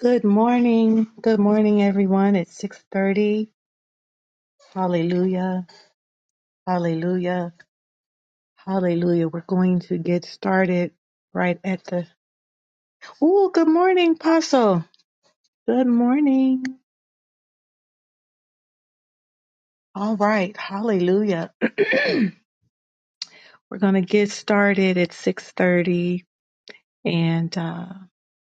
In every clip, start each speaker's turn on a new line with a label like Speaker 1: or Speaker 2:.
Speaker 1: Good morning. Good morning, everyone. It's 6:30. Hallelujah. Hallelujah. Hallelujah. We're going to get started right at the Oh, good morning, Apostle. Good morning. All right. Hallelujah. we're going to get started at 6:30 and uh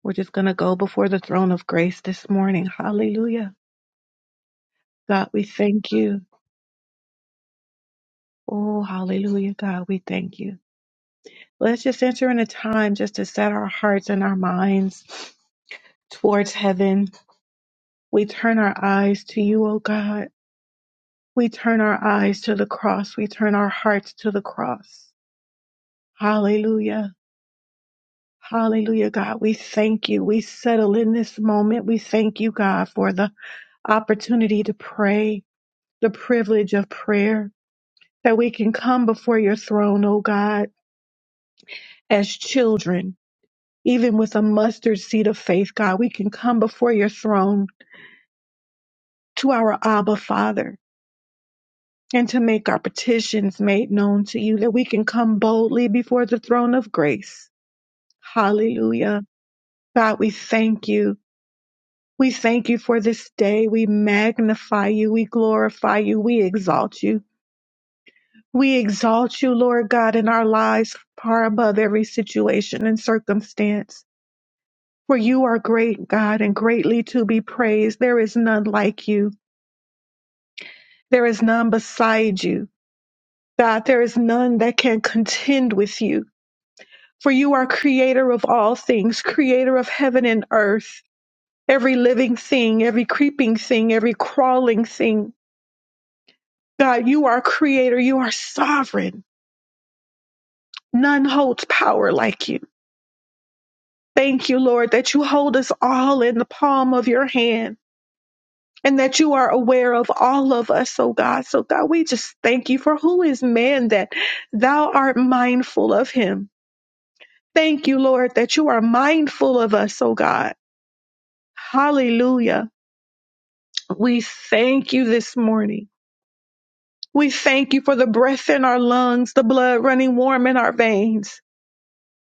Speaker 1: we're just going to go before the throne of grace this morning. Hallelujah. God, we thank you. Oh, hallelujah, God, we thank you. Let's just enter in a time just to set our hearts and our minds towards heaven. We turn our eyes to you, O God. We turn our eyes to the cross. We turn our hearts to the cross. Hallelujah. Hallelujah, God. We thank you. We settle in this moment. We thank you, God, for the opportunity to pray, the privilege of prayer, that we can come before your throne, O God, as children Even with a mustard seed of faith, God, we can come before your throne to our Abba Father and to make our petitions made known to you, that we can come boldly before the throne of grace. Hallelujah. God, we thank you. We thank you for this day. We magnify you. We glorify you. We exalt you. We exalt you, Lord God, in our lives far above every situation and circumstance. For you are great, God, and greatly to be praised. There is none like you. There is none beside you. God, there is none that can contend with you. For you are creator of all things, creator of heaven and earth, every living thing, every creeping thing, every crawling thing. God, you are creator. You are sovereign. None holds power like you. Thank you, Lord, that you hold us all in the palm of your hand and that you are aware of all of us, oh God. So, God, we just thank you for who is man that thou art mindful of him Thank you, Lord, that you are mindful of us, oh God. Hallelujah. We thank you this morning. We thank you for the breath in our lungs, the blood running warm in our veins.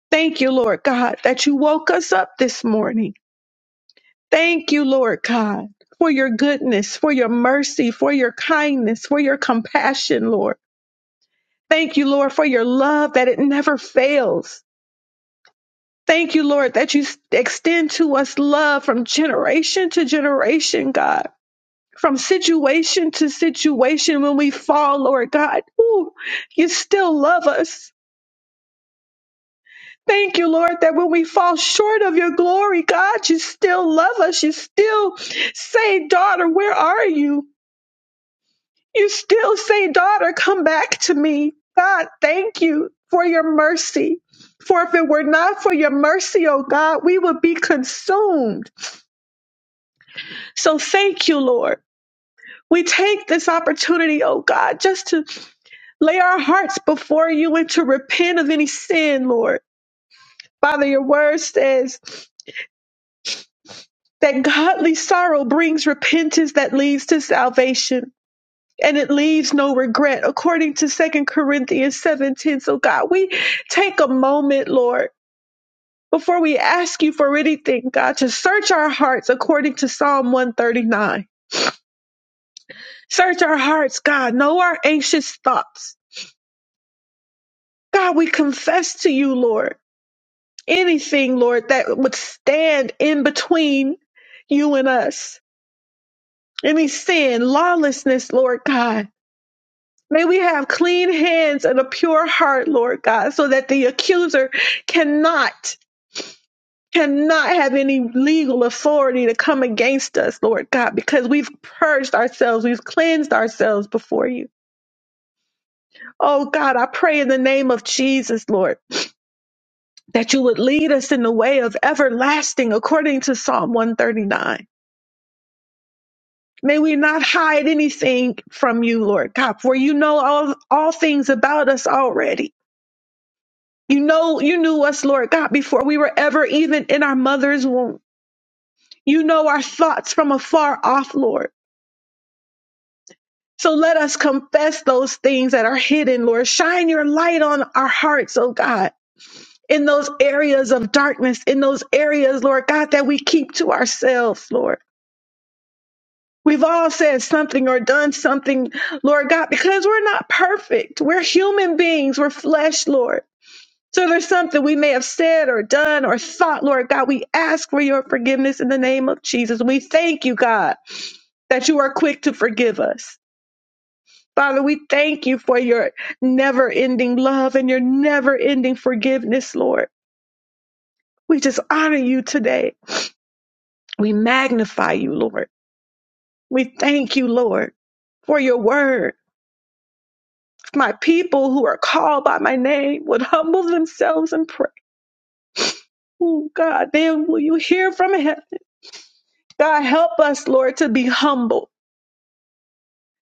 Speaker 1: Thank you, Lord God, that you woke us up this morning. Thank you, Lord God, for your goodness, for your mercy, for your kindness, for your compassion, Lord. Thank you, Lord, for your love that it never fails. Thank you, Lord, that you extend to us love from generation to generation, God. from situation to situation when we fall, Lord God. Ooh, you still love us. Thank you, Lord, that when we fall short of your glory, God, you still love us. You still say, daughter, where are you? You still say, daughter, come back to me. God, thank you for your mercy. For if it were not for your mercy, oh God, we would be consumed. So thank you, Lord. We take this opportunity, oh God, just to lay our hearts before you and to repent of any sin, Lord. Father, your word says that godly sorrow brings repentance that leads to salvation. And it leaves no regret, according to Second Corinthians 7:10. So God, we take a moment, Lord, before we ask you for anything, God, to search our hearts according to Psalm 139. Search our hearts, God, know our anxious thoughts. God, we confess to you, Lord. anything, Lord, that would stand in between you and us. Any sin, lawlessness, Lord God. May we have clean hands and a pure heart, Lord God, so that the accuser cannot, cannot have any legal authority to come against us, Lord God, because we've purged ourselves, we've cleansed ourselves before you. Oh God, I pray in the name of Jesus, Lord, that you would lead us in the way of everlasting according to Psalm 139. May we not hide anything from you, Lord God, for you know all, all things about us already. You know, you knew us, Lord God, before we were ever even in our mother's womb. You know our thoughts from afar off, Lord. So let us confess those things that are hidden, Lord. Shine your light on our hearts, oh God, in those areas of darkness, in those areas, Lord God, that we keep to ourselves, Lord. We've all said something or done something, Lord God, because we're not perfect. We're human beings. We're flesh, Lord. So there's something we may have said or done or thought, Lord God. We ask for your forgiveness in the name of Jesus. We thank you, God, that you are quick to forgive us. Father, we thank you for your never ending love and your never ending forgiveness, Lord. We just honor you today. We magnify you, Lord. We thank you, Lord, for your word. my people who are called by my name would humble themselves and pray. Oh God, then will you hear from heaven? God, help us, Lord, to be humble.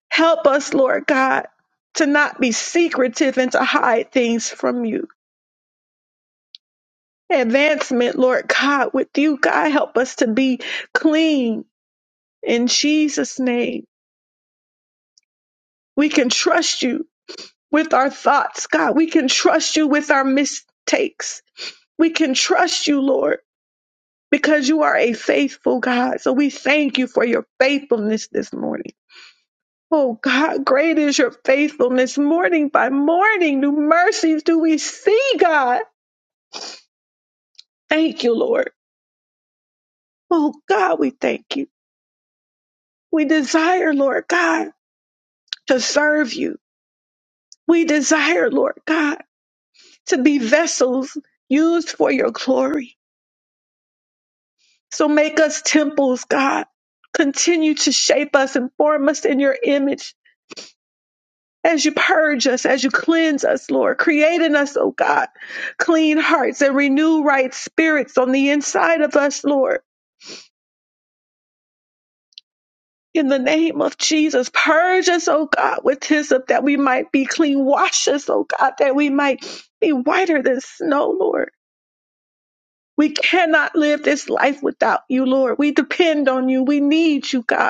Speaker 1: Help us, Lord God, to not be secretive and to hide things from you. Advancement, Lord God, with you, God, help us to be clean in Jesus' name. We can trust you with our thoughts, God. We can trust you with our mistakes. We can trust you, Lord because you are a faithful God. So we thank you for your faithfulness this morning. Oh God, great is your faithfulness morning by morning. New mercies do we see, God. Thank you, Lord. Oh God, we thank you. We desire, Lord God, to serve you. We desire, Lord God, to be vessels used for your glory. So make us temples, God. Continue to shape us and form us in your image as you purge us, as you cleanse us, Lord. Create in us, oh God, clean hearts and renew right spirits on the inside of us, Lord. In the name of Jesus, purge us, oh God, with hyssop that we might be clean. Wash us, oh God, that we might be whiter than snow, Lord. We cannot live this life without you, Lord. We depend on you. We need you, God.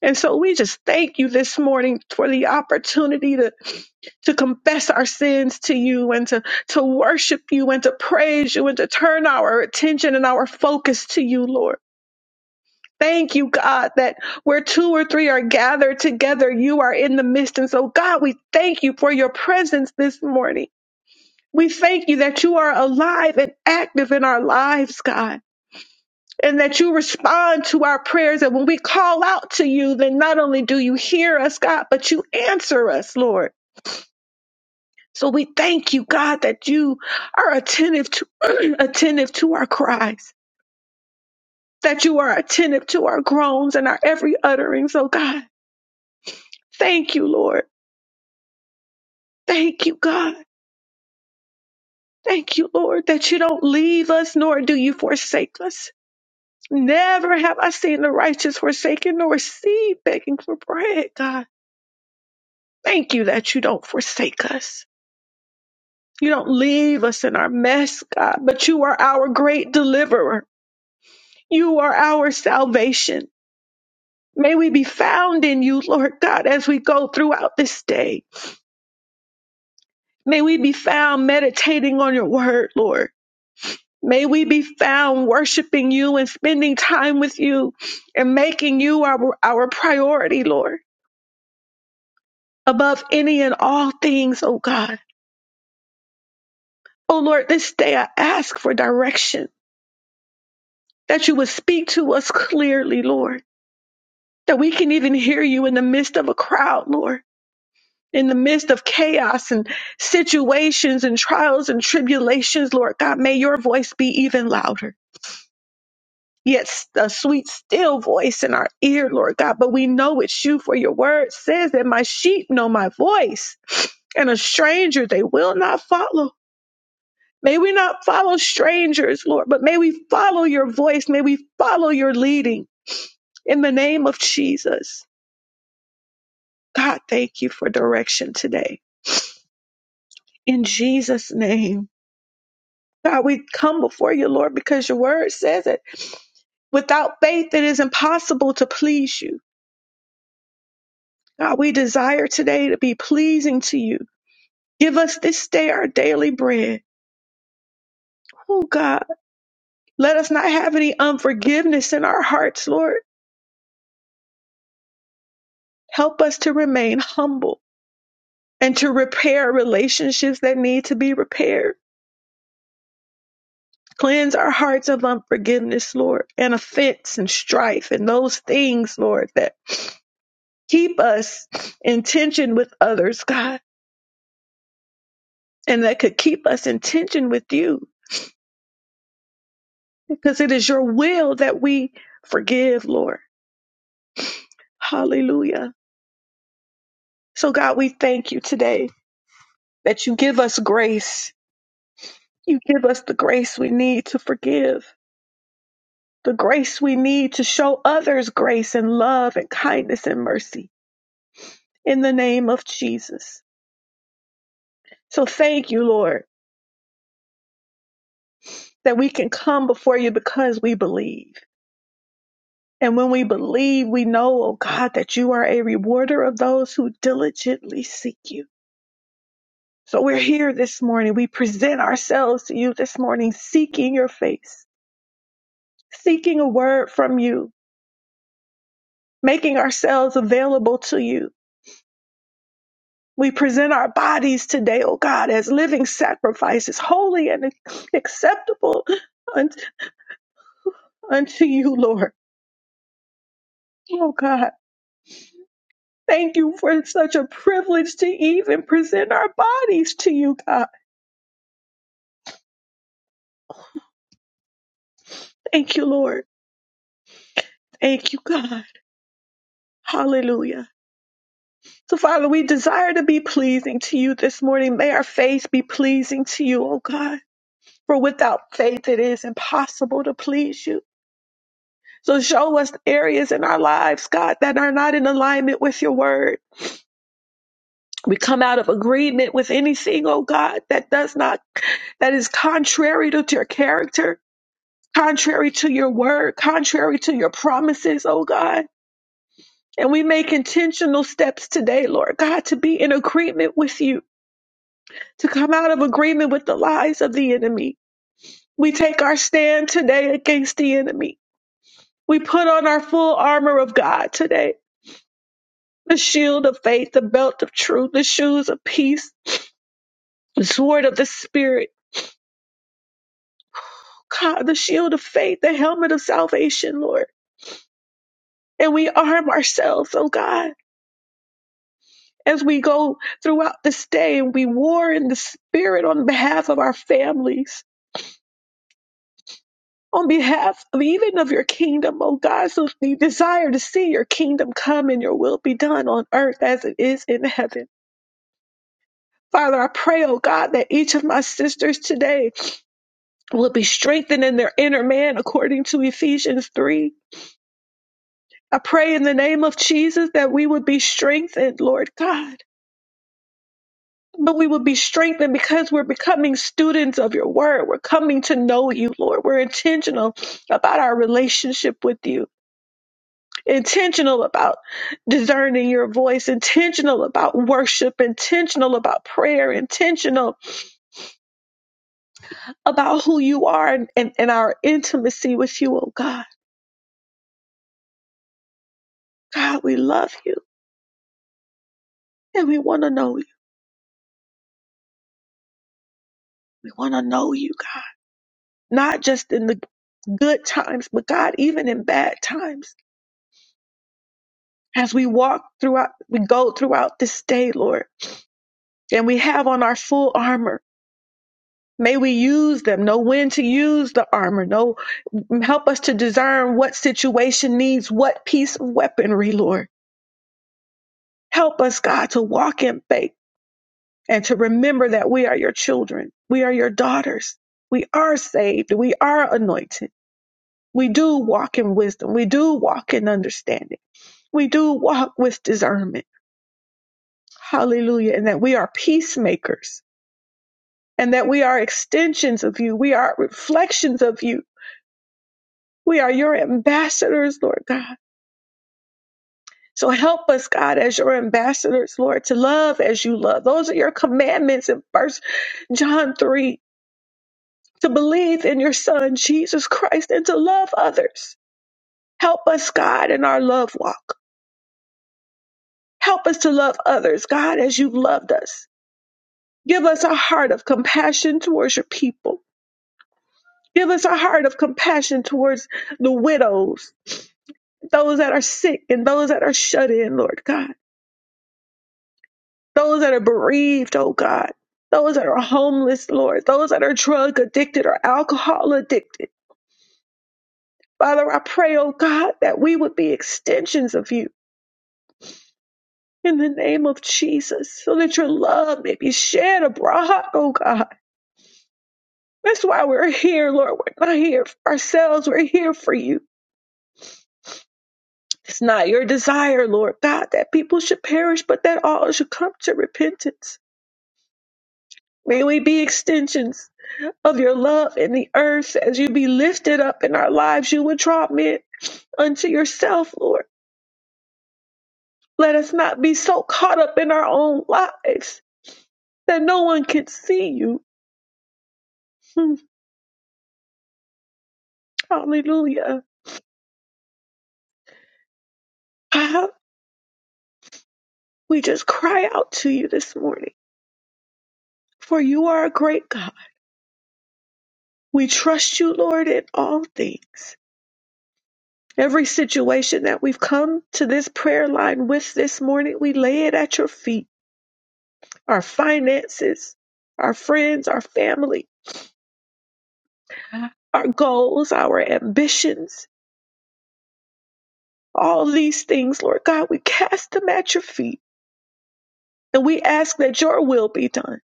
Speaker 1: And so we just thank you this morning for the opportunity to, to confess our sins to you and to, to worship you and to praise you and to turn our attention and our focus to you, Lord. Thank you, God, that where two or three are gathered together, you are in the midst. And so, God, we thank you for your presence this morning. We thank you that you are alive and active in our lives, God and that you respond to our prayers. And when we call out to you, then not only do you hear us, God, but you answer us, Lord. So we thank you, God, that you are attentive to attentive to our cries, that you are attentive to our groans and our every utterings. oh God. Thank you, Lord. Thank you, God. Thank you, Lord, that you don't leave us, nor do you forsake us. Never have I seen the righteous forsaken, nor seed begging for bread, God. Thank you that you don't forsake us. You don't leave us in our mess, God, but you are our great deliverer. You are our salvation. May we be found in you, Lord God, as we go throughout this day. May we be found meditating on your word, Lord. May we be found worshiping you and spending time with you and making you our, our priority, Lord, above any and all things, oh God. Oh Lord, this day I ask for direction. that you would speak to us clearly, Lord, that we can even hear you in the midst of a crowd, Lord, in the midst of chaos and situations and trials and tribulations, Lord God. May your voice be even louder. Yet a sweet, still voice in our ear, Lord God. But we know it's you, for your word says that my sheep know my voice, and a stranger they will not follow. May we not follow strangers, Lord, but may we follow your voice. May we follow your leading. In the name of Jesus, God, thank you for direction today. In Jesus' name, God, we come before you, Lord, because your word says it. Without faith, it is impossible to please you. God, we desire today to be pleasing to you. Give us this day our daily bread. Oh, God, let us not have any unforgiveness in our hearts, Lord. Help us to remain humble and to repair relationships that need to be repaired. Cleanse our hearts of unforgiveness, Lord, and offense and strife and those things, Lord, that keep us in tension with others, God, and that could keep us in tension with you because it is your will that we forgive, Lord. Hallelujah. So, God, we thank you today that you give us grace. You give us the grace we need to forgive, the grace we need to show others grace and love and kindness and mercy. In the name of Jesus. So thank you, Lord, that we can come before you because we believe. And when we believe, we know, oh God, that you are a rewarder of those who diligently seek you. So we're here this morning. We present ourselves to you this morning, seeking your face, seeking a word from you, making ourselves available to you. We present our bodies today, oh God, as living sacrifices, holy and acceptable un- unto you, Lord. Oh God. Thank you for such a privilege to even present our bodies to you, God. Thank you, Lord. Thank you, God. Hallelujah. So, Father, we desire to be pleasing to you this morning. May our faith be pleasing to you, oh God. For without faith, it is impossible to please you. So, show us areas in our lives, God, that are not in alignment with your word. We come out of agreement with anything, oh God, that does not, that is contrary to your character. contrary to your word, contrary to your promises, oh God. And we make intentional steps today, Lord God, to be in agreement with you, to come out of agreement with the lies of the enemy. We take our stand today against the enemy. We put on our full armor of God today the shield of faith, the belt of truth, the shoes of peace, the sword of the Spirit, God, the shield of faith, the helmet of salvation, Lord. And we arm ourselves, oh God as we go throughout this day and we war in the spirit on behalf of our families, on behalf of even of your kingdom, oh God. So we desire to see your kingdom come and your will be done on earth as it is in heaven. Father, I pray, oh God, that each of my sisters today will be strengthened in their inner man according to Ephesians 3. I pray in the name of Jesus that we would be strengthened, Lord God but we will be strengthened because we're becoming students of your word. We're coming to know you, Lord. We're intentional about our relationship with you, intentional about discerning your voice, intentional about worship, intentional about prayer, intentional about who you are and, and, and our intimacy with you, oh God. God, we love you and we want to know you. We want to know you, God, not just in the good times, but God, even in bad times. as we walk throughout, we go throughout this day, Lord, and we have on our full armor. May we use them, know when to use the armor, know, help us to discern what situation needs what piece of weaponry, Lord. Help us, God, to walk in faith and to remember that we are your children. We are your daughters. We are saved. We are anointed. We do walk in wisdom. We do walk in understanding. We do walk with discernment. Hallelujah. And that we are peacemakers and that we are extensions of you. We are reflections of you. We are your ambassadors, Lord God. So help us, God, as your ambassadors, Lord, to love as you love. Those are your commandments in First John 3 to believe in your Son, Jesus Christ, and to love others. Help us, God, in our love walk. Help us to love others, God, as you've loved us. Give us a heart of compassion towards your people. Give us a heart of compassion towards the widows, those that are sick and those that are shut in, Lord God, those that are bereaved, oh God, those that are homeless, Lord, those that are drug addicted or alcohol addicted. Father, I pray, oh God, that we would be extensions of you in the name of Jesus, so that your love may be shed abroad, oh God. That's why we're here, Lord. We're not here for ourselves, we're here for you. It's not your desire, Lord God, that people should perish, but that all should come to repentance. May we be extensions of your love in the earth as you be lifted up in our lives. You would draw men unto yourself, Lord. Let us not be so caught up in our own lives that no one can see you. Hmm. Hallelujah. Father, We just cry out to you this morning, for you are a great God. We trust you, Lord, in all things. Every situation that we've come to this prayer line with this morning, we lay it at your feet. Our finances, our friends, our family, our goals, our ambitions, all these things, Lord God, we cast them at your feet and we ask that your will be done.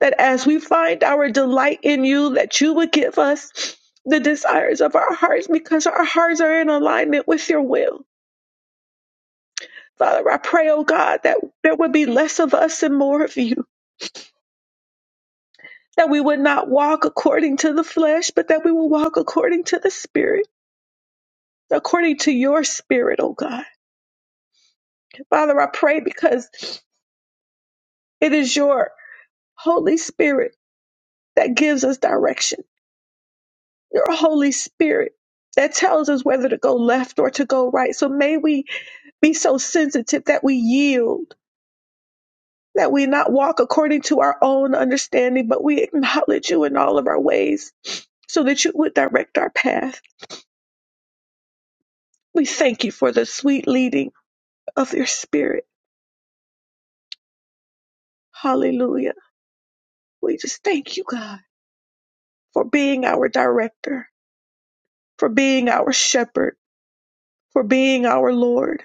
Speaker 1: That as we find our delight in you, that you would give us the desires of our hearts because our hearts are in alignment with your will. Father, I pray, oh God, that there would be less of us and more of you, that we would not walk according to the flesh, but that we will walk according to the spirit, according to your spirit, oh God. Father, I pray because It is your Holy Spirit that gives us direction, your Holy Spirit that tells us whether to go left or to go right. So may we be so sensitive that we yield, that we not walk according to our own understanding, but we acknowledge you in all of our ways so that you would direct our path. We thank you for the sweet leading of your Spirit. Hallelujah. We just thank you, God, for being our director, for being our shepherd, for being our Lord.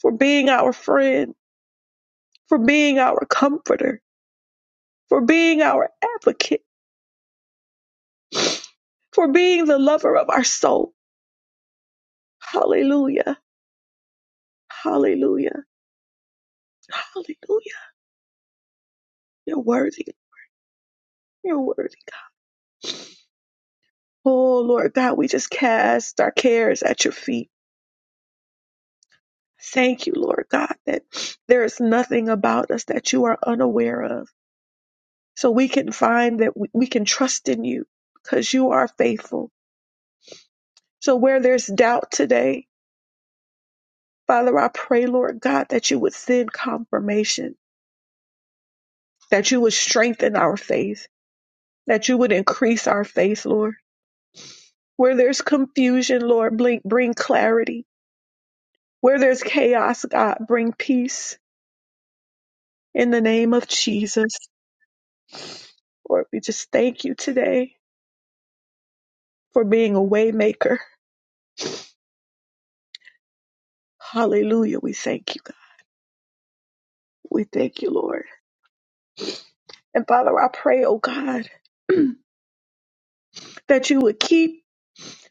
Speaker 1: for being our friend, for being our comforter, for being our advocate, for being the lover of our soul. Hallelujah. Hallelujah. Hallelujah. You're worthy. You're worthy. Oh, Lord God, we just cast our cares at your feet. Thank you, Lord God, that there is nothing about us that you are unaware of. So we can find that we, we can trust in you because you are faithful. So where there's doubt today, Father, I pray, Lord God, that you would send confirmation, that you would strengthen our faith, that you would increase our faith, Lord. Where there's confusion, Lord, bring, bring clarity. Where there's chaos, God, bring peace in the name of Jesus. Lord, we just thank you today for being a way maker. Hallelujah. We thank you. God. We thank you, Lord. And Father, I pray, oh God, that you would keep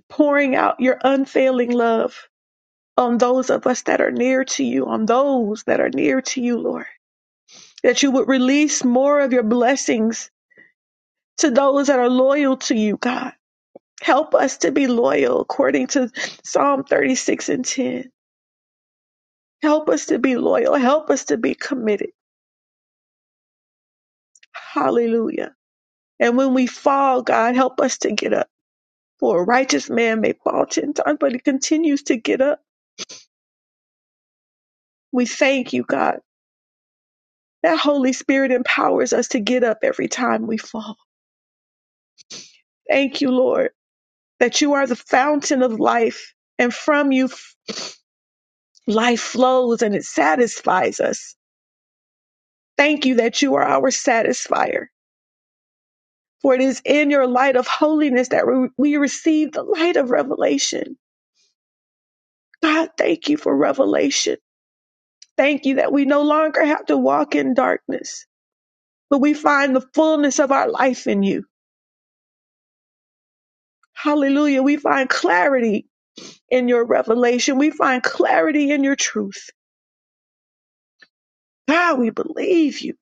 Speaker 1: pouring out your unfailing love on those of us that are near to you, on those that are near to you, Lord. That you would release more of your blessings to those that are loyal to you, God. Help us to be loyal according to Psalm 36 and 10. Help us to be loyal. Help us to be committed. Hallelujah. And when we fall, God, help us to get up. For a righteous man may fall 10 times, but he continues to get up. We thank you, God. That Holy Spirit empowers us to get up every time we fall. Thank you, Lord that you are the fountain of life, and from you f- life flows and it satisfies us. Thank you that you are our satisfier, for it is in your light of holiness that we we receive the light of revelation. God, thank you for revelation. Thank you that we no longer have to walk in darkness, but we find the fullness of our life in you. Hallelujah. We find clarity in your revelation. We find clarity in your truth. God, we believe you.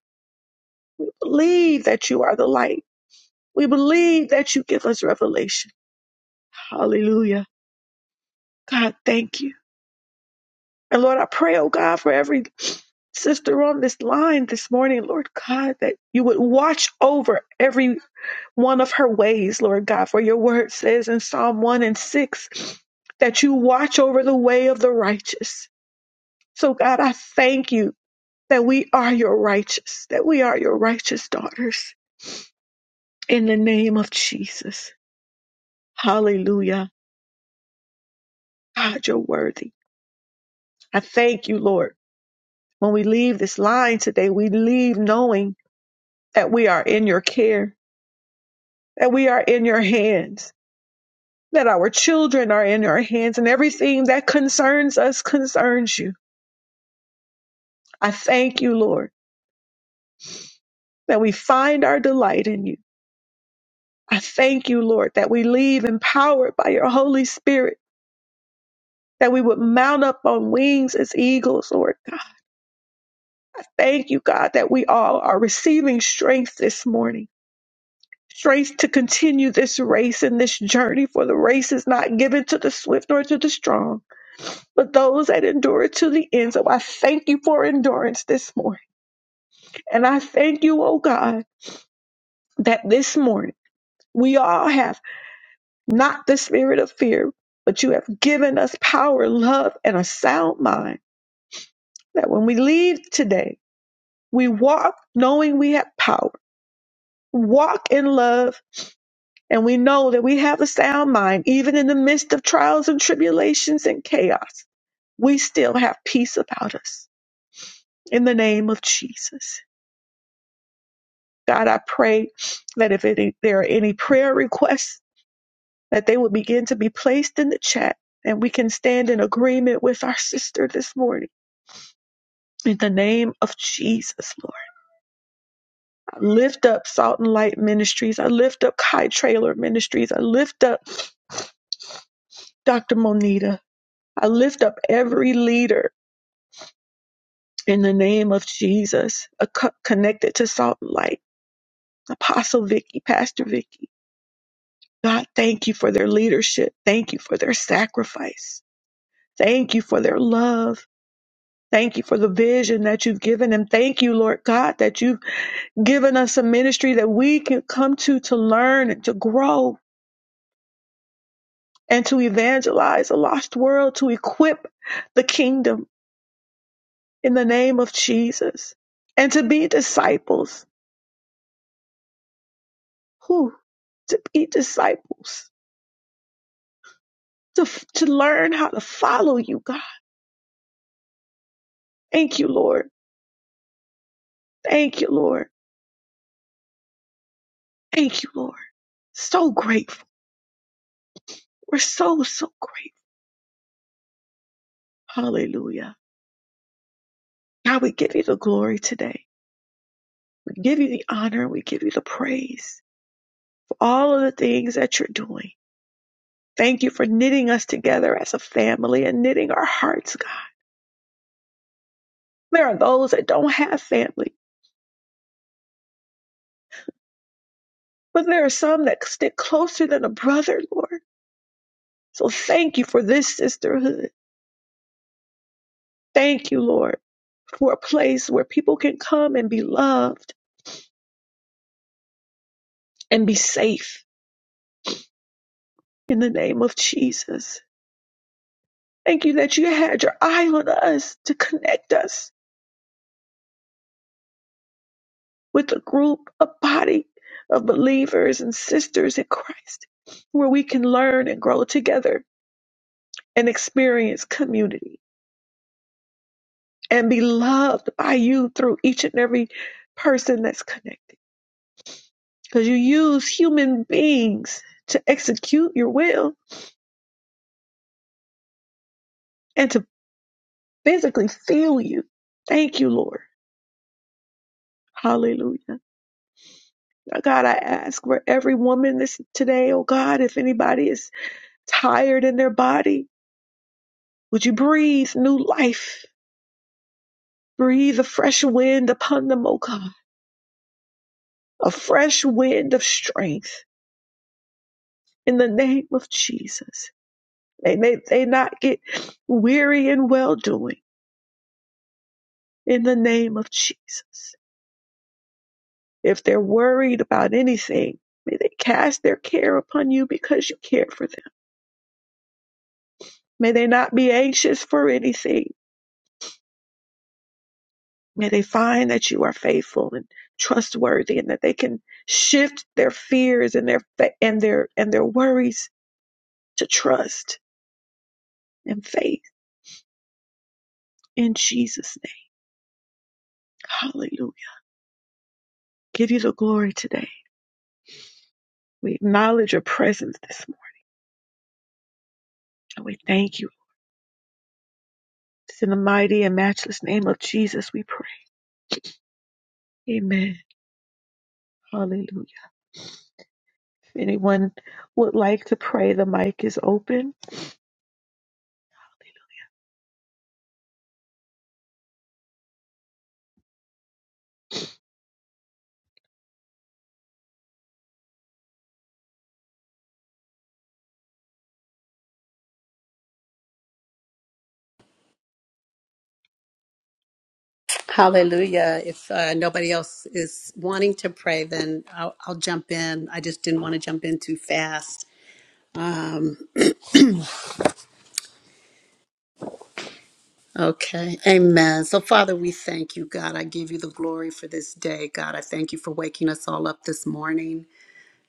Speaker 1: believe that you are the light. We believe that you give us revelation. Hallelujah. God, thank you. And Lord, I pray, oh God, for every sister on this line this morning, Lord God, that you would watch over every one of her ways, Lord God. For your word says in Psalm 1 and 6 that you watch over the way of the righteous. So, God, I thank you that we are your righteous, that we are your righteous daughters in the name of Jesus. Hallelujah. God, you're worthy. I thank you, Lord. When we leave this line today, we leave knowing that we are in your care, that we are in your hands, that our children are in your hands, and everything that concerns us concerns you. I thank you, Lord, that we find our delight in you. I thank you, Lord, that we leave empowered by your Holy Spirit, that we would mount up on wings as eagles, Lord. God, thank you, God, that we all are receiving strength this morning strength to continue this race and this journey, for the race is not given to the swift nor to the strong, but those that endure to the end. So I thank you for endurance this morning. And I thank you, oh God, that this morning we all have not the spirit of fear, but you have given us power, love, and a sound mind. That when we leave today, we walk knowing we have power, walk in love And we know that we have a sound mind, even in the midst of trials and tribulations and chaos. We still have peace about us. In the name of Jesus. God, I pray that if any, there are any prayer requests, that they will begin to be placed in the chat and we can stand in agreement with our sister this morning. In the name of Jesus, Lord. I lift up Salt and Light Ministries. I lift up Kai Trailer Ministries. I lift up Dr. Monita. I lift up every leader in the name of Jesus, a co- connected to Salt and Light, Apostle Vicky, Pastor Vicky. God, thank you for their leadership. Thank you for their sacrifice. Thank you for their love. Thank you for the vision that you've given them. Thank you, Lord God, that you've given us a ministry that we can come to to learn and to grow and to evangelize a lost world, to equip the kingdom in the name of Jesus and to be disciples. Who? To be disciples to, to learn how to follow you, God. Thank you, Lord. Thank you, Lord. Thank you, Lord. So grateful. We're so, so grateful. Hallelujah. God, we give you the glory today. We give you the honor. We give you the praise for all of the things that you're doing. Thank you for knitting us together as a family and knitting our hearts, God. There are those that don't have family, but there are some that stick closer than a brother, Lord. So thank you for this sisterhood. Thank you, Lord, for a place where people can come and be loved and be safe in the name of Jesus. Thank you that you had your eye on us to connect us with a group, a body of believers and sisters in Christ where we can learn and grow together and experience community and be loved by you through each and every person that's connected. Because you use human beings to execute your will. and to physically feel you. Thank you, Lord. Hallelujah. God, I ask for every woman this today, oh God, if anybody is tired in their body, would you breathe new life? Breathe a fresh wind upon them, oh God, a fresh wind of strength in the name of Jesus. May they, they not get weary in well doing in the name of Jesus. If they're worried about anything, may they cast their care upon you because you care for them. May they not be anxious for anything. May they find that you are faithful and trustworthy and that they can shift their fears and their and their and their worries to trust and faith in Jesus name. Hallelujah. Give you the glory today. We acknowledge your presence this morning. and We thank you. It's in the mighty and matchless name of Jesus we pray. Amen. Hallelujah. If anyone would like to pray, the mic is open.
Speaker 2: Hallelujah. If uh, nobody else is wanting to pray, then I'll, I'll jump in. I just didn't want to jump in too fast. Um, okay. Amen. So, Father, we thank you, God. I give you the glory for this day, God. I thank you for waking us all up this morning.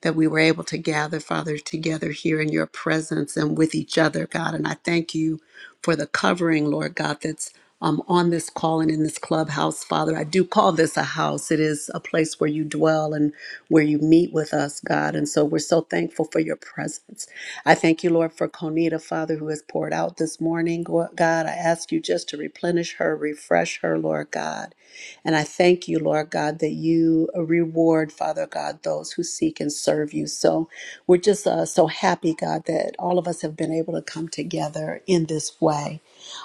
Speaker 2: that we were able to gather, Father, together here in your presence and with each other, God. And I thank you for the covering, Lord God, that's um, on this call and in this clubhouse, Father. I do call this a house. It is a place where you dwell and where you meet with us, God. And so we're so thankful for your presence. I thank you, Lord, for Conita, Father, who has poured out this morning, Go- God. I ask you just to replenish her, refresh her, Lord God. And I thank you, Lord God, that you reward, Father God, those who seek and serve you. So we're just uh, so happy, God, that all of us have been able to come together in this way.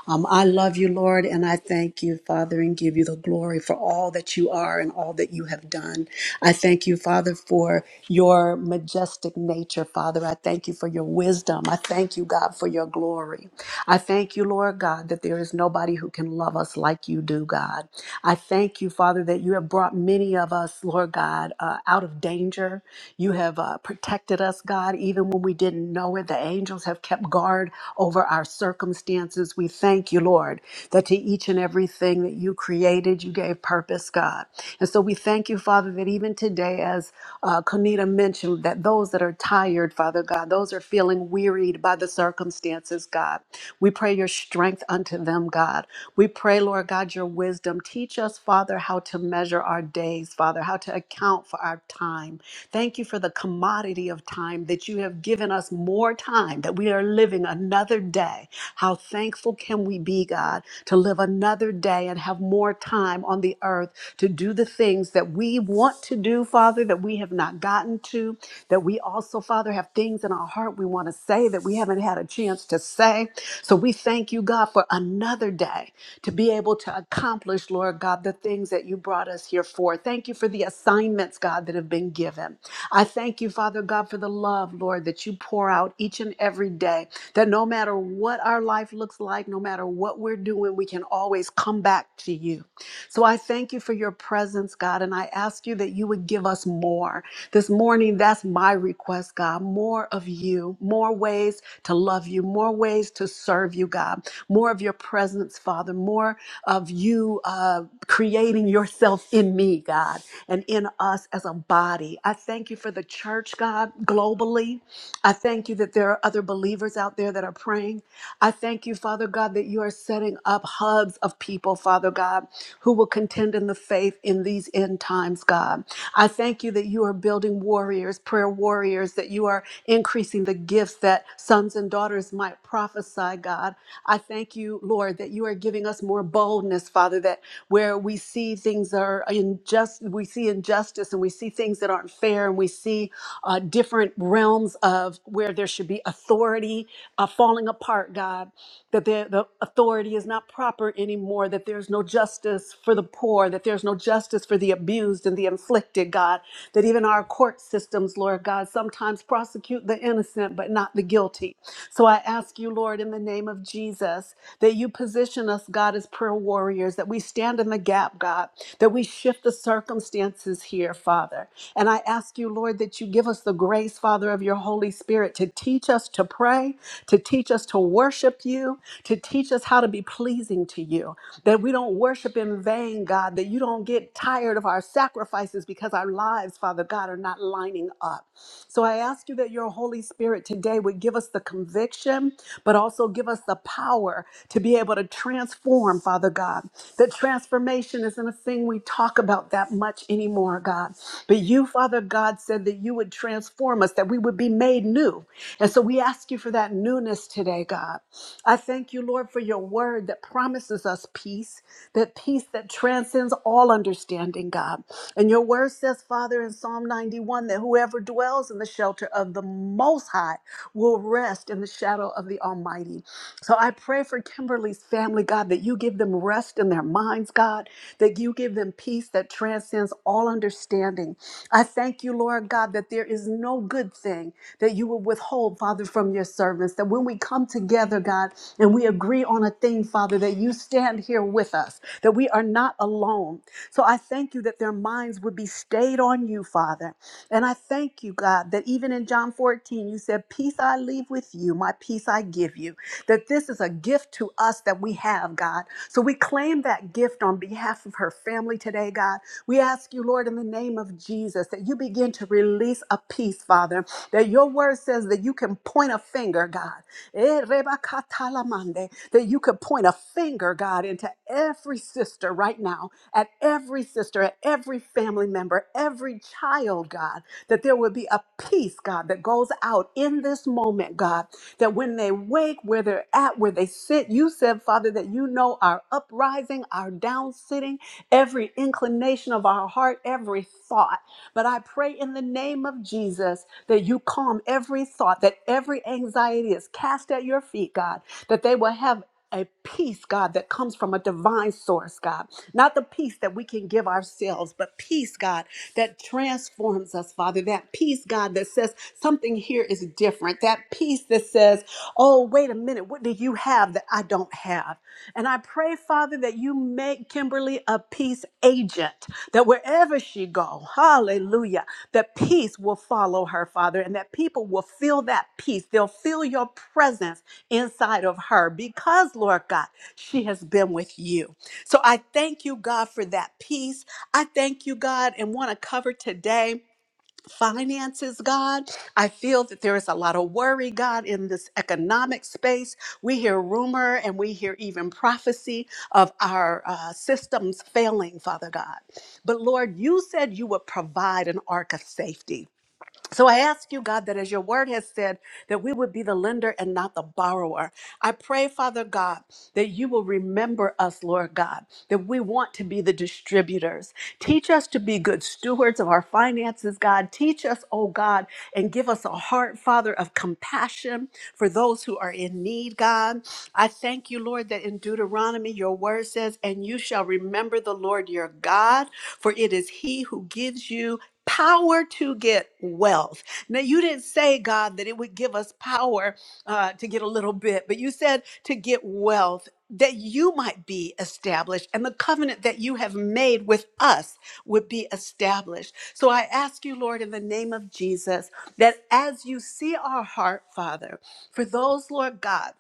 Speaker 2: Um, I love you, Lord, and I thank you, Father, and give you the glory for all that you are and all that you have done. I thank you, Father, for your majestic nature, Father. I thank you for your wisdom. I thank you, God, for your glory. I thank you, Lord God, that there is nobody who can love us like you do, God. I thank you, Father, that you have brought many of us, Lord God, uh, out of danger. You have uh, protected us, God, even when we didn't know it. The angels have kept guard over our circumstances. We thank you, Lord, that to each and everything that you created, you gave purpose, God. And so we thank you, Father, that even today, as uh, Konita mentioned, that those that are tired, Father God, those are feeling wearied by the circumstances, God. We pray your strength unto them, God. We pray, Lord God, your wisdom. Teach us, Father, how to measure our days, Father, how to account for our time. Thank you for the commodity of time that you have given us more time, that we are living another day. How thankful can we be, God, to live another day and have more time on the earth to do the things that we want to do, Father, that we have not gotten to, that we also Father, have things in our heart we want to say that we haven't had a chance to say. So we thank you, God, for another day to be able to accomplish, Lord God, the things that you brought us here for. Thank you for the assignments, God, that have been given. I thank you, Father God, for the love, Lord, that you pour out each and every day, that no matter what our life looks like, no matter what we're doing, we can always come back to you. So I thank you for your presence, God, and I ask you that you would give us more. This morning, that's my request, God. More of you, more ways to love you, more ways to serve you, God. More of your presence, Father. More of you uh, creating yourself in me, God, and in us as a body. I thank you for the church, God, globally. I thank you that there are other believers out there that are praying. I thank you, Father God, that you are setting up hubs of people, Father God, who will contend in the faith in these end times, God. I thank you that you are building warriors, prayer warriors, that you are increasing the gifts that sons and daughters might prophesy, God. I thank you, Lord, that you are giving us more boldness, Father, that where we see things are unjust, we see injustice and we see things that aren't fair and we see uh, different realms of where there should be authority are falling apart, God, that the, the authority is not proper anymore, that there's no justice for the poor, that there's no justice for the abused and the inflicted, God, that even our court systems, Lord God, sometimes prosecute the innocent but not the guilty. So I ask you, Lord, in the name of Jesus, that you position us, God, as prayer warriors, that we stand stand in the gap, God, that we shift the circumstances here, Father. And I ask you, Lord, that you give us the grace, Father, of your Holy Spirit to teach us to pray, to teach us to worship you, to teach us how to be pleasing to you, that we don't worship in vain, God, that you don't get tired of our sacrifices because our lives, Father God, are not lined lining up. So I ask you that your Holy Spirit today would give us the conviction, but also give us the power to be able to transform, Father God. That transformation isn't a thing we talk about that much anymore, God. But you, Father God, said that you would transform us, that we would be made new. And so we ask you for that newness today, God. I thank you, Lord, for your word that promises us peace, that peace that transcends all understanding, God. And your word says, Father, in Psalm 91, that whoever dwells in the shelter of the Most High will rest in the shadow of the Almighty. So I pray for Kimberly's family, God, that you give them rest in their minds, God, that you give them peace that transcends all understanding. I thank you, Lord God, that there is no good thing that you will withhold, Father, from your servants. That when we come together, God, and we agree on a thing, Father, that you stand here with us, that we are not alone. So I thank you that their minds would be stayed on you, Father. And I thank you, God, that even in John 14, you said, Peace I leave with you, my peace I give you. That this is a gift to us that we have, God. So we claim that gift on behalf of her family today, God. We ask you, Lord, in the name of Jesus, that you begin to release a peace, Father. That your word says that you can point a finger, God. Eh, reba That you could point a finger, God, into every sister right now at every sister, at every family member, every child, God, that there would be a peace, God, that goes out in this moment, God, that when they wake, where they're at, where they sit, you said, Father, that you know our uprising, our down sitting, every inclination of our heart, every thought. But I pray in the name of Jesus that you calm every thought, that every anxiety is cast at your feet, God, that they will have a peace, God, that comes from a divine source, God. Not the peace that we can give ourselves, but peace, God, that transforms us, Father. That peace, God, that says something here is different. That peace that says, oh, wait a minute, what do you have that I don't have? And I pray, Father, that you make Kimberly a peace agent, that wherever she go, hallelujah, that peace will follow her, Father, and that people will feel that peace. They'll feel your presence inside of her because, Lord God, she has been with you. So I thank you, God, for that peace. I thank you, God, and want to cover today. Finances, God. I feel that there is a lot of worry, God, in this economic space. We hear rumor and we hear even prophecy of our uh, systems failing, Father God. But Lord, you said you would provide an ark of safety. So I ask you, God, that as your word has said, that we would be the lender and not the borrower. I pray, Father God, that you will remember us, Lord God, that we want to be the distributors. Teach us to be good stewards of our finances, God. Teach us, oh God, and give us a heart, Father, of compassion for those who are in need, God. I thank you, Lord, that in Deuteronomy your word says, and you shall remember the Lord your God, for it is he who gives you Power to get wealth. Now, you didn't say, God, that it would give us power uh, to get a little bit, but you said to get wealth that you might be established and the covenant that you have made with us would be established. So I ask you, Lord, in the name of Jesus, that as you see our heart, Father, for those, Lord God,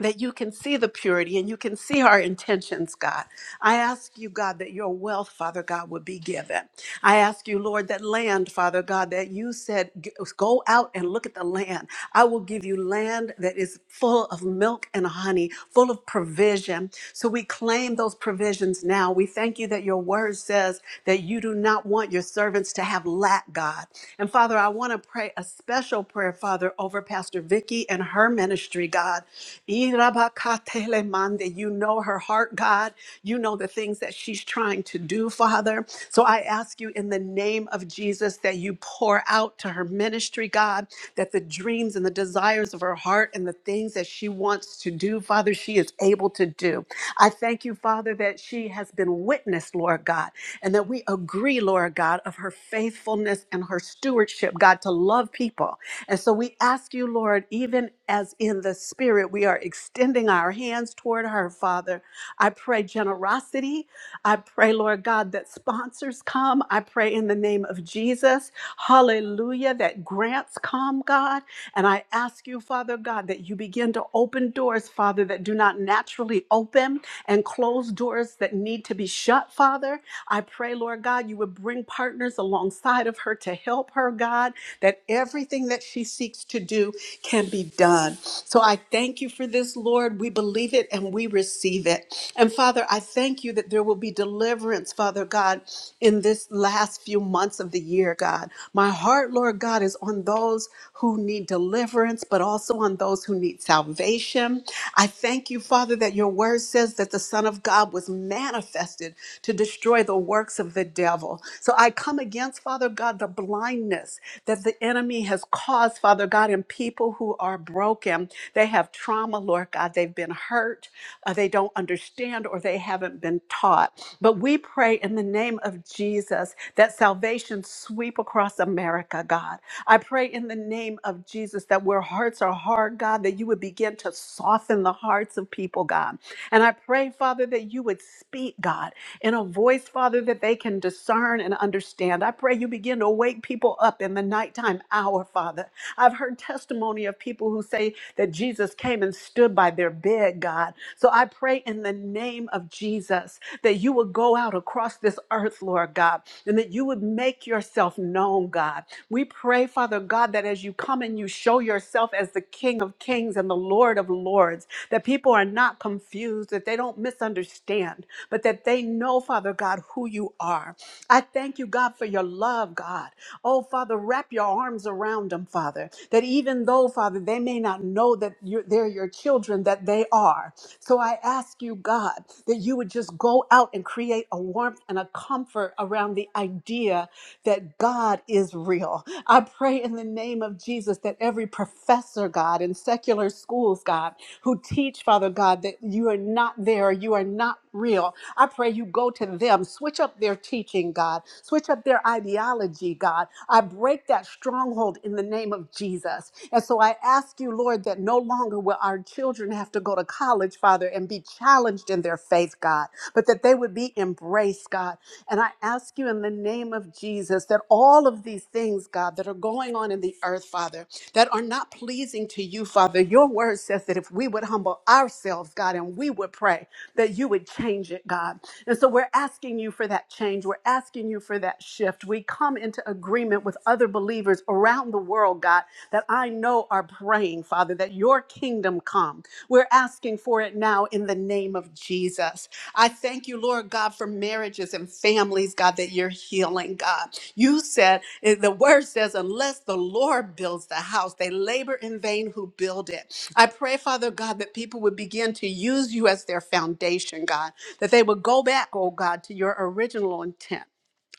Speaker 2: that you can see the purity and you can see our intentions, God. I ask you, God, that your wealth, Father God, would be given. I ask you, Lord, that land, Father God, that you said, "G- go out and look at the land. I will give you land that is full of milk and honey, full of provision. So we claim those provisions now. We thank you that your word says that you do not want your servants to have lack, God. And Father, I want to pray a special prayer, Father, over Pastor Vicky and and her ministry, God. Irabakatelemande. You know her heart, God. You know the things that she's trying to do, Father. So I ask you in the name of Jesus that you pour out to her ministry, God, that the dreams and the desires of her heart and the things that she wants to do, Father, she is able to do. I thank you, Father, that she has been witnessed, Lord God, and that we agree, Lord God, of her faithfulness and her stewardship, God, to love people and so we ask you, Lord, even as in the spirit, we are extending our hands toward her, Father. I pray generosity. I pray, Lord God, that sponsors come. I pray in the name of Jesus, hallelujah, that grants come, God. And I ask you, Father God, that you begin to open doors, Father, that do not naturally open and close doors that need to be shut, Father. I pray, Lord God, you would bring partners alongside of her to help her, God, that everything that she seeks to do can be done. So I thank you for this, Lord. We believe it and we receive it. And Father, I thank you that there will be deliverance, Father God, in this last few months of the year, God. My heart, Lord God, is on those who need deliverance, but also on those who need salvation. I thank you, Father, that your word says that the Son of God was manifested to destroy the works of the devil. So I come against against, Father God, the blindness that the enemy has caused, Father God, in people who are broken. They have trauma, Lord God. They've been hurt. uh, they don't understand or they haven't been taught. But we pray in the name of Jesus that salvation sweep across America, God. I pray in the name of Jesus that where hearts are hard, God, that you would begin to soften the hearts of people, God. And I pray, Father, that you would speak, God, in a voice, Father, that they can discern and understand. I pray you begin to wake people up in the nighttime hour, Father. I've heard testimony of people who say that Jesus came and stood by their bed, God. So I pray in the name of Jesus that you would go out across this earth, Lord God, and that you would make yourself known, God. We pray, Father God, that as you come and you show yourself as the King of Kings and the Lord of Lords, that people are not confused, that they don't misunderstand, but that they know, Father God, who you are. I thank you, God, for your love, God. Oh, Father, wrap your arms around them, Father, that even though, Father, they may not know that you're, they're your children, that they are. So I ask you, God, that you would just go out and create a warmth and a comfort around the idea that God is real. I pray in the name of Jesus that every professor, God, in secular schools, God, who teach, Father God, that you are not there, you are not real, I pray you go to them, switch up their teaching, God, switch up their ideology, God. I break that stronghold in the name of Jesus. And so I ask you, Lord, that no longer will our children have to go to college, Father, and be challenged in their faith, God, but that they would be embraced, God. And I ask you in the name of Jesus that all of these things, God, God, that are going on in the earth, Father, that are not pleasing to you, Father. Your word says that if we would humble ourselves, God, and we would pray, that you would change it, God. And so we're asking you for that change. We're asking you for that shift. We come into agreement with other believers around the world, God, that I know are praying, Father, that your kingdom come. We're asking asking for it now in the name of Jesus. I thank you, Lord God, for marriages and families, God, that you're healing, God. You said, eh, the word says, unless the Lord builds the house, they labor in vain who build it. I pray, Father God, that people would begin to use you as their foundation, God, that they would go back, oh God, to your original intent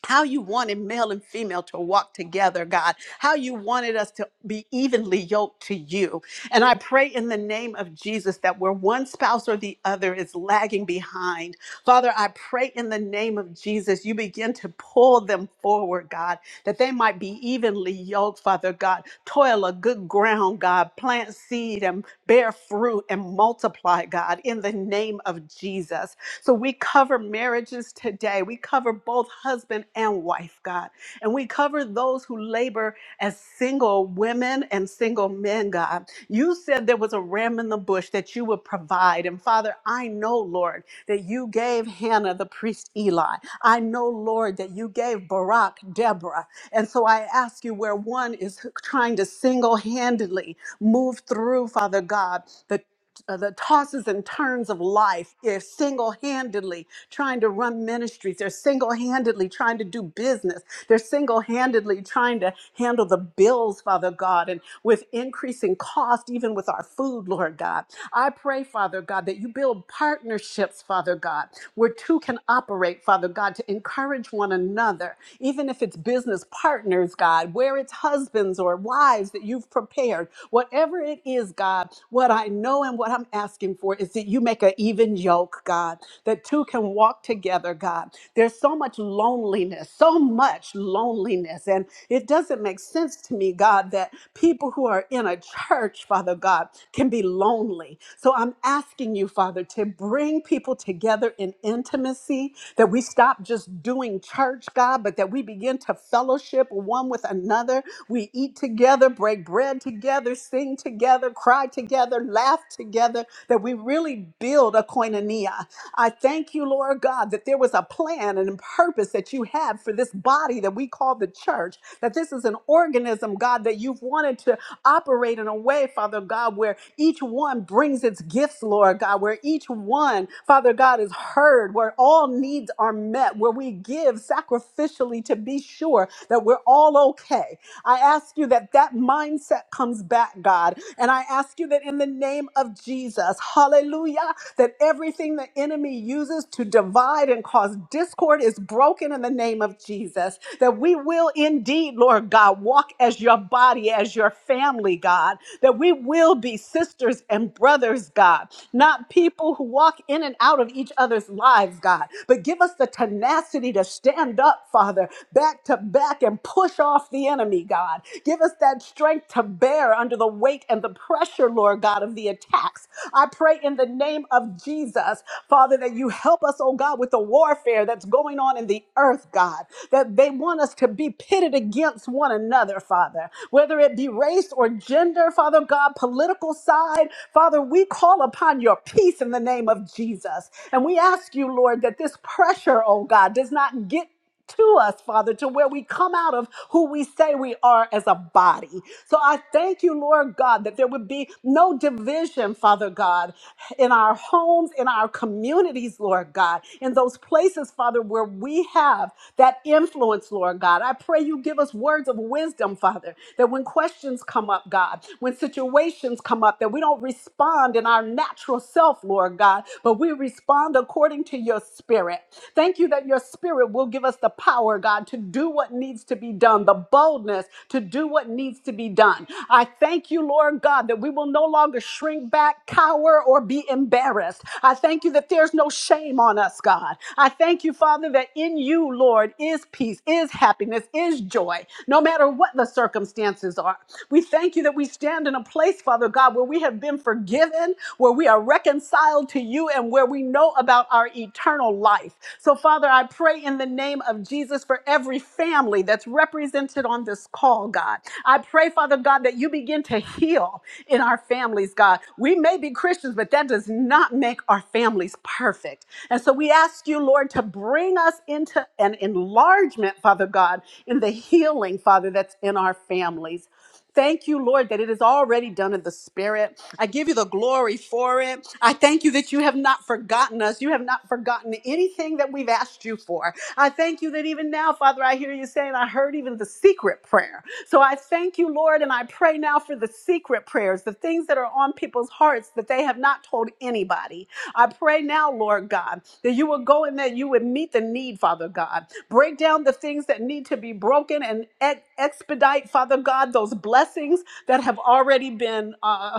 Speaker 2: how you wanted male and female to walk together, God, how you wanted us to be evenly yoked to you. And I pray in the name of Jesus that where one spouse or the other is lagging behind, Father, I pray in the name of Jesus, you begin to pull them forward, God, that they might be evenly yoked, Father God. Toil a good ground, God. Plant seed and bear fruit and multiply, God, in the name of Jesus. So we cover marriages today. We cover both husband and wife, God. And we cover those who labor as single women and single men, God. You said there was a ram in the bush that you would provide. And Father, I know, Lord, that you gave Hannah the priest Eli. I know, Lord, that you gave Barak Deborah. And so I ask you where one is trying to single handedly move through, Father God. the? uh, the tosses and turns of life They're single-handedly trying to run ministries they're single-handedly trying to do business they're single-handedly trying to handle the bills father god and with increasing cost even with our food lord god i pray father god that you build partnerships father god where two can operate father god to encourage one another even if it's business partners god where it's husbands or wives that you've prepared whatever it is is, God, what I know and what I'm asking for is that you make an even yoke, God, that two can walk together, God. There's so much loneliness, so much loneliness. And it doesn't make sense to me, God, that people who are in a church, Father God, can be lonely. So I'm asking you, Father, to bring people together in intimacy, that we stop just doing church, God, but that we begin to fellowship one with another. We eat together, break bread break bread together, sing together, cry together, laugh together, that we really build a koinonia. I thank you, Lord God, that there was a plan and a purpose that you had for this body that we call the church, that this is an organism, God, that you've wanted to operate in a way, Father God, where each one brings its gifts, Lord God, where each one, Father God, is heard, where all needs are met, where we give sacrificially to be sure that we're all okay today. I ask you that that mindset comes back, God. And I ask you that in the name of Jesus, hallelujah, that everything the enemy uses to divide and cause discord is broken in the name of Jesus. That we will indeed, Lord God, walk as your body, as your family, God. That we will be sisters and brothers, God. Not people who walk in and out of each other's lives, God. But give us the tenacity to stand up, Father, back to strength to back and push off the enemy, God. Give us that strength to bear under the weight and the pressure, Lord God, of the attacks. I pray in the name of Jesus, Father, that you help us, oh God, with the warfare that's going on in the earth, God, that they want us to be pitted against one another, Father, whether it be race or gender, Father God, political side. Father, we call upon your peace in the name of Jesus. And we ask you, Lord, that this pressure, oh God, does not get to us, Father, to where we come out of who we say we are as a body. So I thank you, Lord God, that there would be no division, Father God, in our homes, in our communities, Lord God, in those places, Father, where we have that influence, Lord God. I pray you give us words of wisdom, Father, that when questions come up, God, when situations come up, that we don't respond in our natural self, Lord God, but we respond according to your spirit. Thank you that your spirit will give us the power, God, to do what needs to be done, the boldness to do what needs to be done. I thank you, Lord God, that we will no longer shrink back, cower, or be embarrassed. I thank you that there's no shame on us, God. I thank you, Father, that in you, Lord, is peace, is happiness, is joy, no matter what the circumstances are. We thank you that we stand in a place, Father God, where we have been forgiven, where we are reconciled to you, and where we we know about our eternal life. So, Father, I pray in the name of Jesus for every family that's represented on this call, God. I pray, Father God, that you begin to heal in our families, God. We may be Christians, but that does not make our families perfect. And so we ask you, Lord, to bring us into an enlargement, Father God, in the healing, Father, that's in our families. Thank you, Lord, that it is already done in the spirit. I give you the glory for it. I thank you that you have not forgotten us. You have not forgotten anything that we've asked you for. I thank you that even now, Father, I hear you saying, I heard even the secret prayer. So I thank you, Lord, and I pray now for the secret prayers, the things that are on people's hearts that they have not told anybody. I pray now, Lord God, that you will go and that you would meet the need, Father God. Break down the things that need to be broken and ex- expedite, Father God, those blessings that have already been. uh,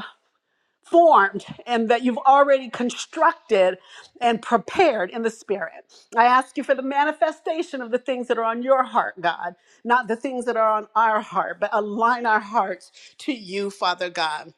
Speaker 2: formed and that you've already constructed and prepared in the spirit. I ask you for the manifestation of the things that are on your heart, God, not the things that are on our heart, but align our hearts to you, Father God.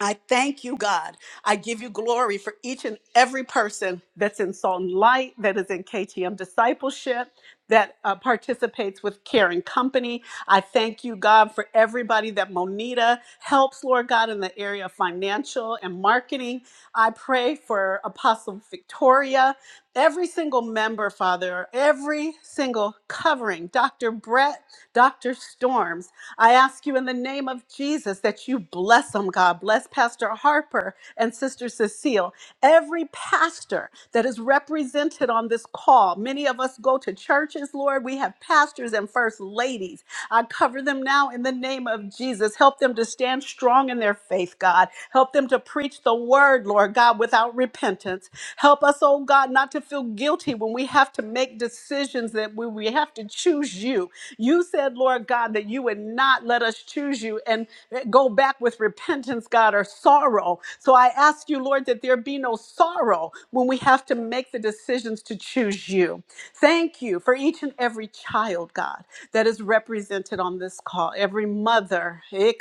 Speaker 2: I thank you, God. I give you glory for each and every person that's in Salt and Light, that is in KTM Discipleship, that uh, participates with Caring Company. I thank you, God, for everybody that Monita helps, Lord God, in the area of financial and marketing. I pray for Apostle Victoria, every single member, Father, every single covering, Dr. Brett, Dr. Storms. I ask you in the name of Jesus that you bless them, God. Bless Pastor Harper and Sister Cecile, every pastor that is represented on this call. Many of us go to churches, Lord. We have pastors and first ladies. I cover them now in the name of Jesus. Help them to stand strong in their faith, God. Help them to preach the word, Lord God, without repentance. Help us, oh God, not to feel guilty when we have to make decisions that we, we have to choose you. You said, Lord God, that you would not let us choose you and go back with repentance, God, or our sorrow. So I ask you, Lord, that there be no sorrow when we have to make the decisions to choose you. Thank you for each and every child, God, that is represented on this call, every mother. I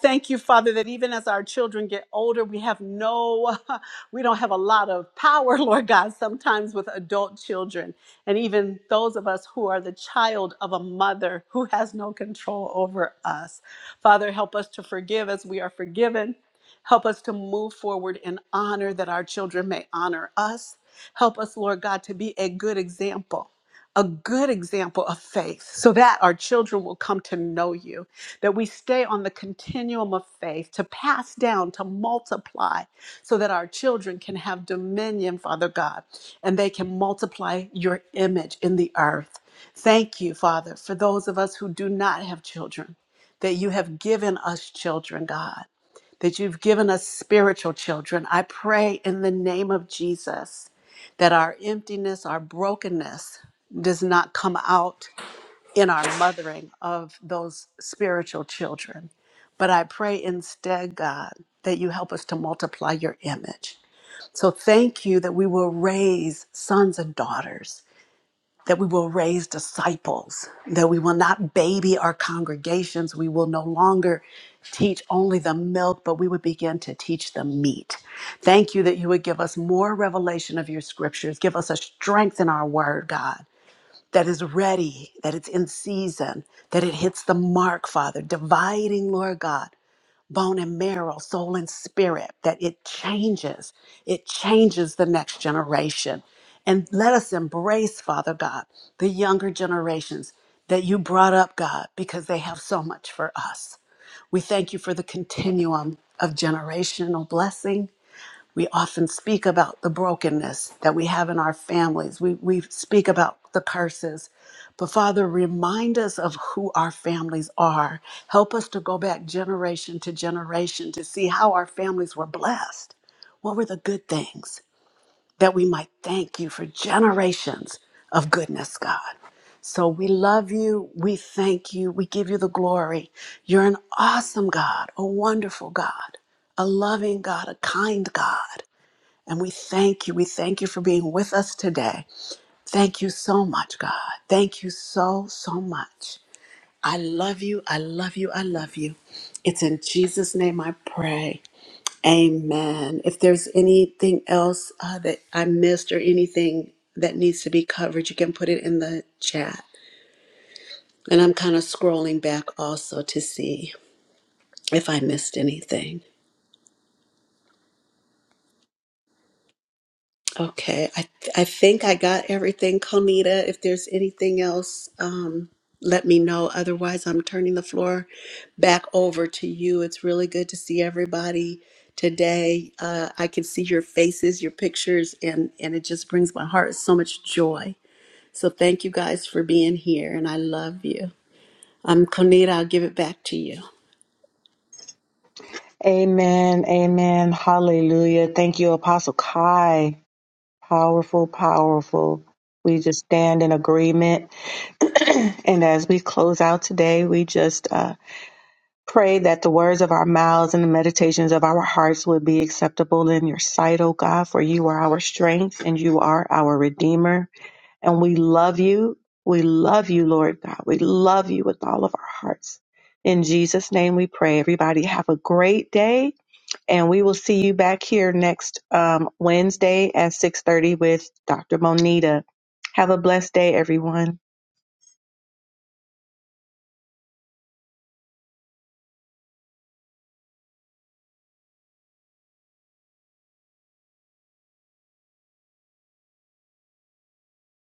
Speaker 2: thank you, Father, that even as our children get older, we have no, we don't have a lot of power, Lord God, sometimes with adult children. And even those of us who are the child of a mother who has no control over us. Father, help us to forgive as we are forgiven. Help us to move forward in honor that our children may honor us. Help us, Lord God, to be a good example, a good example of faith, so that our children will come to know you, that we stay on the continuum of faith to pass down, to multiply, so that our children can have dominion, Father God, and they can multiply your image in the earth. Thank you, Father, for those of us who do not have children that you have given us children, God, that you've given us spiritual children. I pray in the name of Jesus that our emptiness, our brokenness does not come out in our mothering of those spiritual children. But I pray instead, God, that you help us to multiply your image. So thank you that we will raise sons and daughters that we will raise disciples, that we will not baby our congregations. We will no longer teach only the milk, but we would begin to teach the meat. Thank you that you would give us more revelation of your scriptures. Give us a strength in our word, God, that is ready, that it's in season, that it hits the mark, Father, dividing, Lord God bone and marrow, soul and spirit, that it changes. It changes the next generation. And let us embrace, Father God, the younger generations that you brought up, God, because they have so much for us. We thank you for the continuum of generational blessing we often speak about the brokenness that we have in our families. We, we speak about the curses. But Father, remind us of who our families are. Help us to go back generation to generation to see how our families were blessed. What were the good things that we might thank you for generations of goodness, God? So we love you. We thank you. We give you the glory. You're an awesome God, a wonderful God, a loving God, a kind God. And we thank you. We thank you for being with us today. Thank you so much, God. Thank you so, so much. I love you. I love you. I love you. It's in Jesus' name I pray. Amen. If there's anything else uh, that I missed or anything that needs to be covered, you can put it in the chat. And I'm kind of scrolling back also to see if I missed anything. Okay, I I think I got everything, Conita. If there's anything else, um, let me know. Otherwise, I'm turning the floor back over to you. It's really good to see everybody today. Uh, I can see your faces, your pictures, and and it just brings my heart so much joy. So thank you guys for being here, and I love you. Um, Conita, I'll give it back to you.
Speaker 1: Amen. Amen. Hallelujah. Thank you, Apostle Kai. Powerful, powerful. We just stand in agreement. and as we close out today, we just uh, pray that the words of our mouths and the meditations of our hearts would be acceptable in your sight, O God, for you are our strength and you are our Redeemer. And we love you. We love you, Lord God. We love you with all of our hearts. In Jesus' name we pray. Everybody have a great day and we will see you back here next um, Wednesday at 6:30 with Dr. Monita. Have a blessed day, everyone.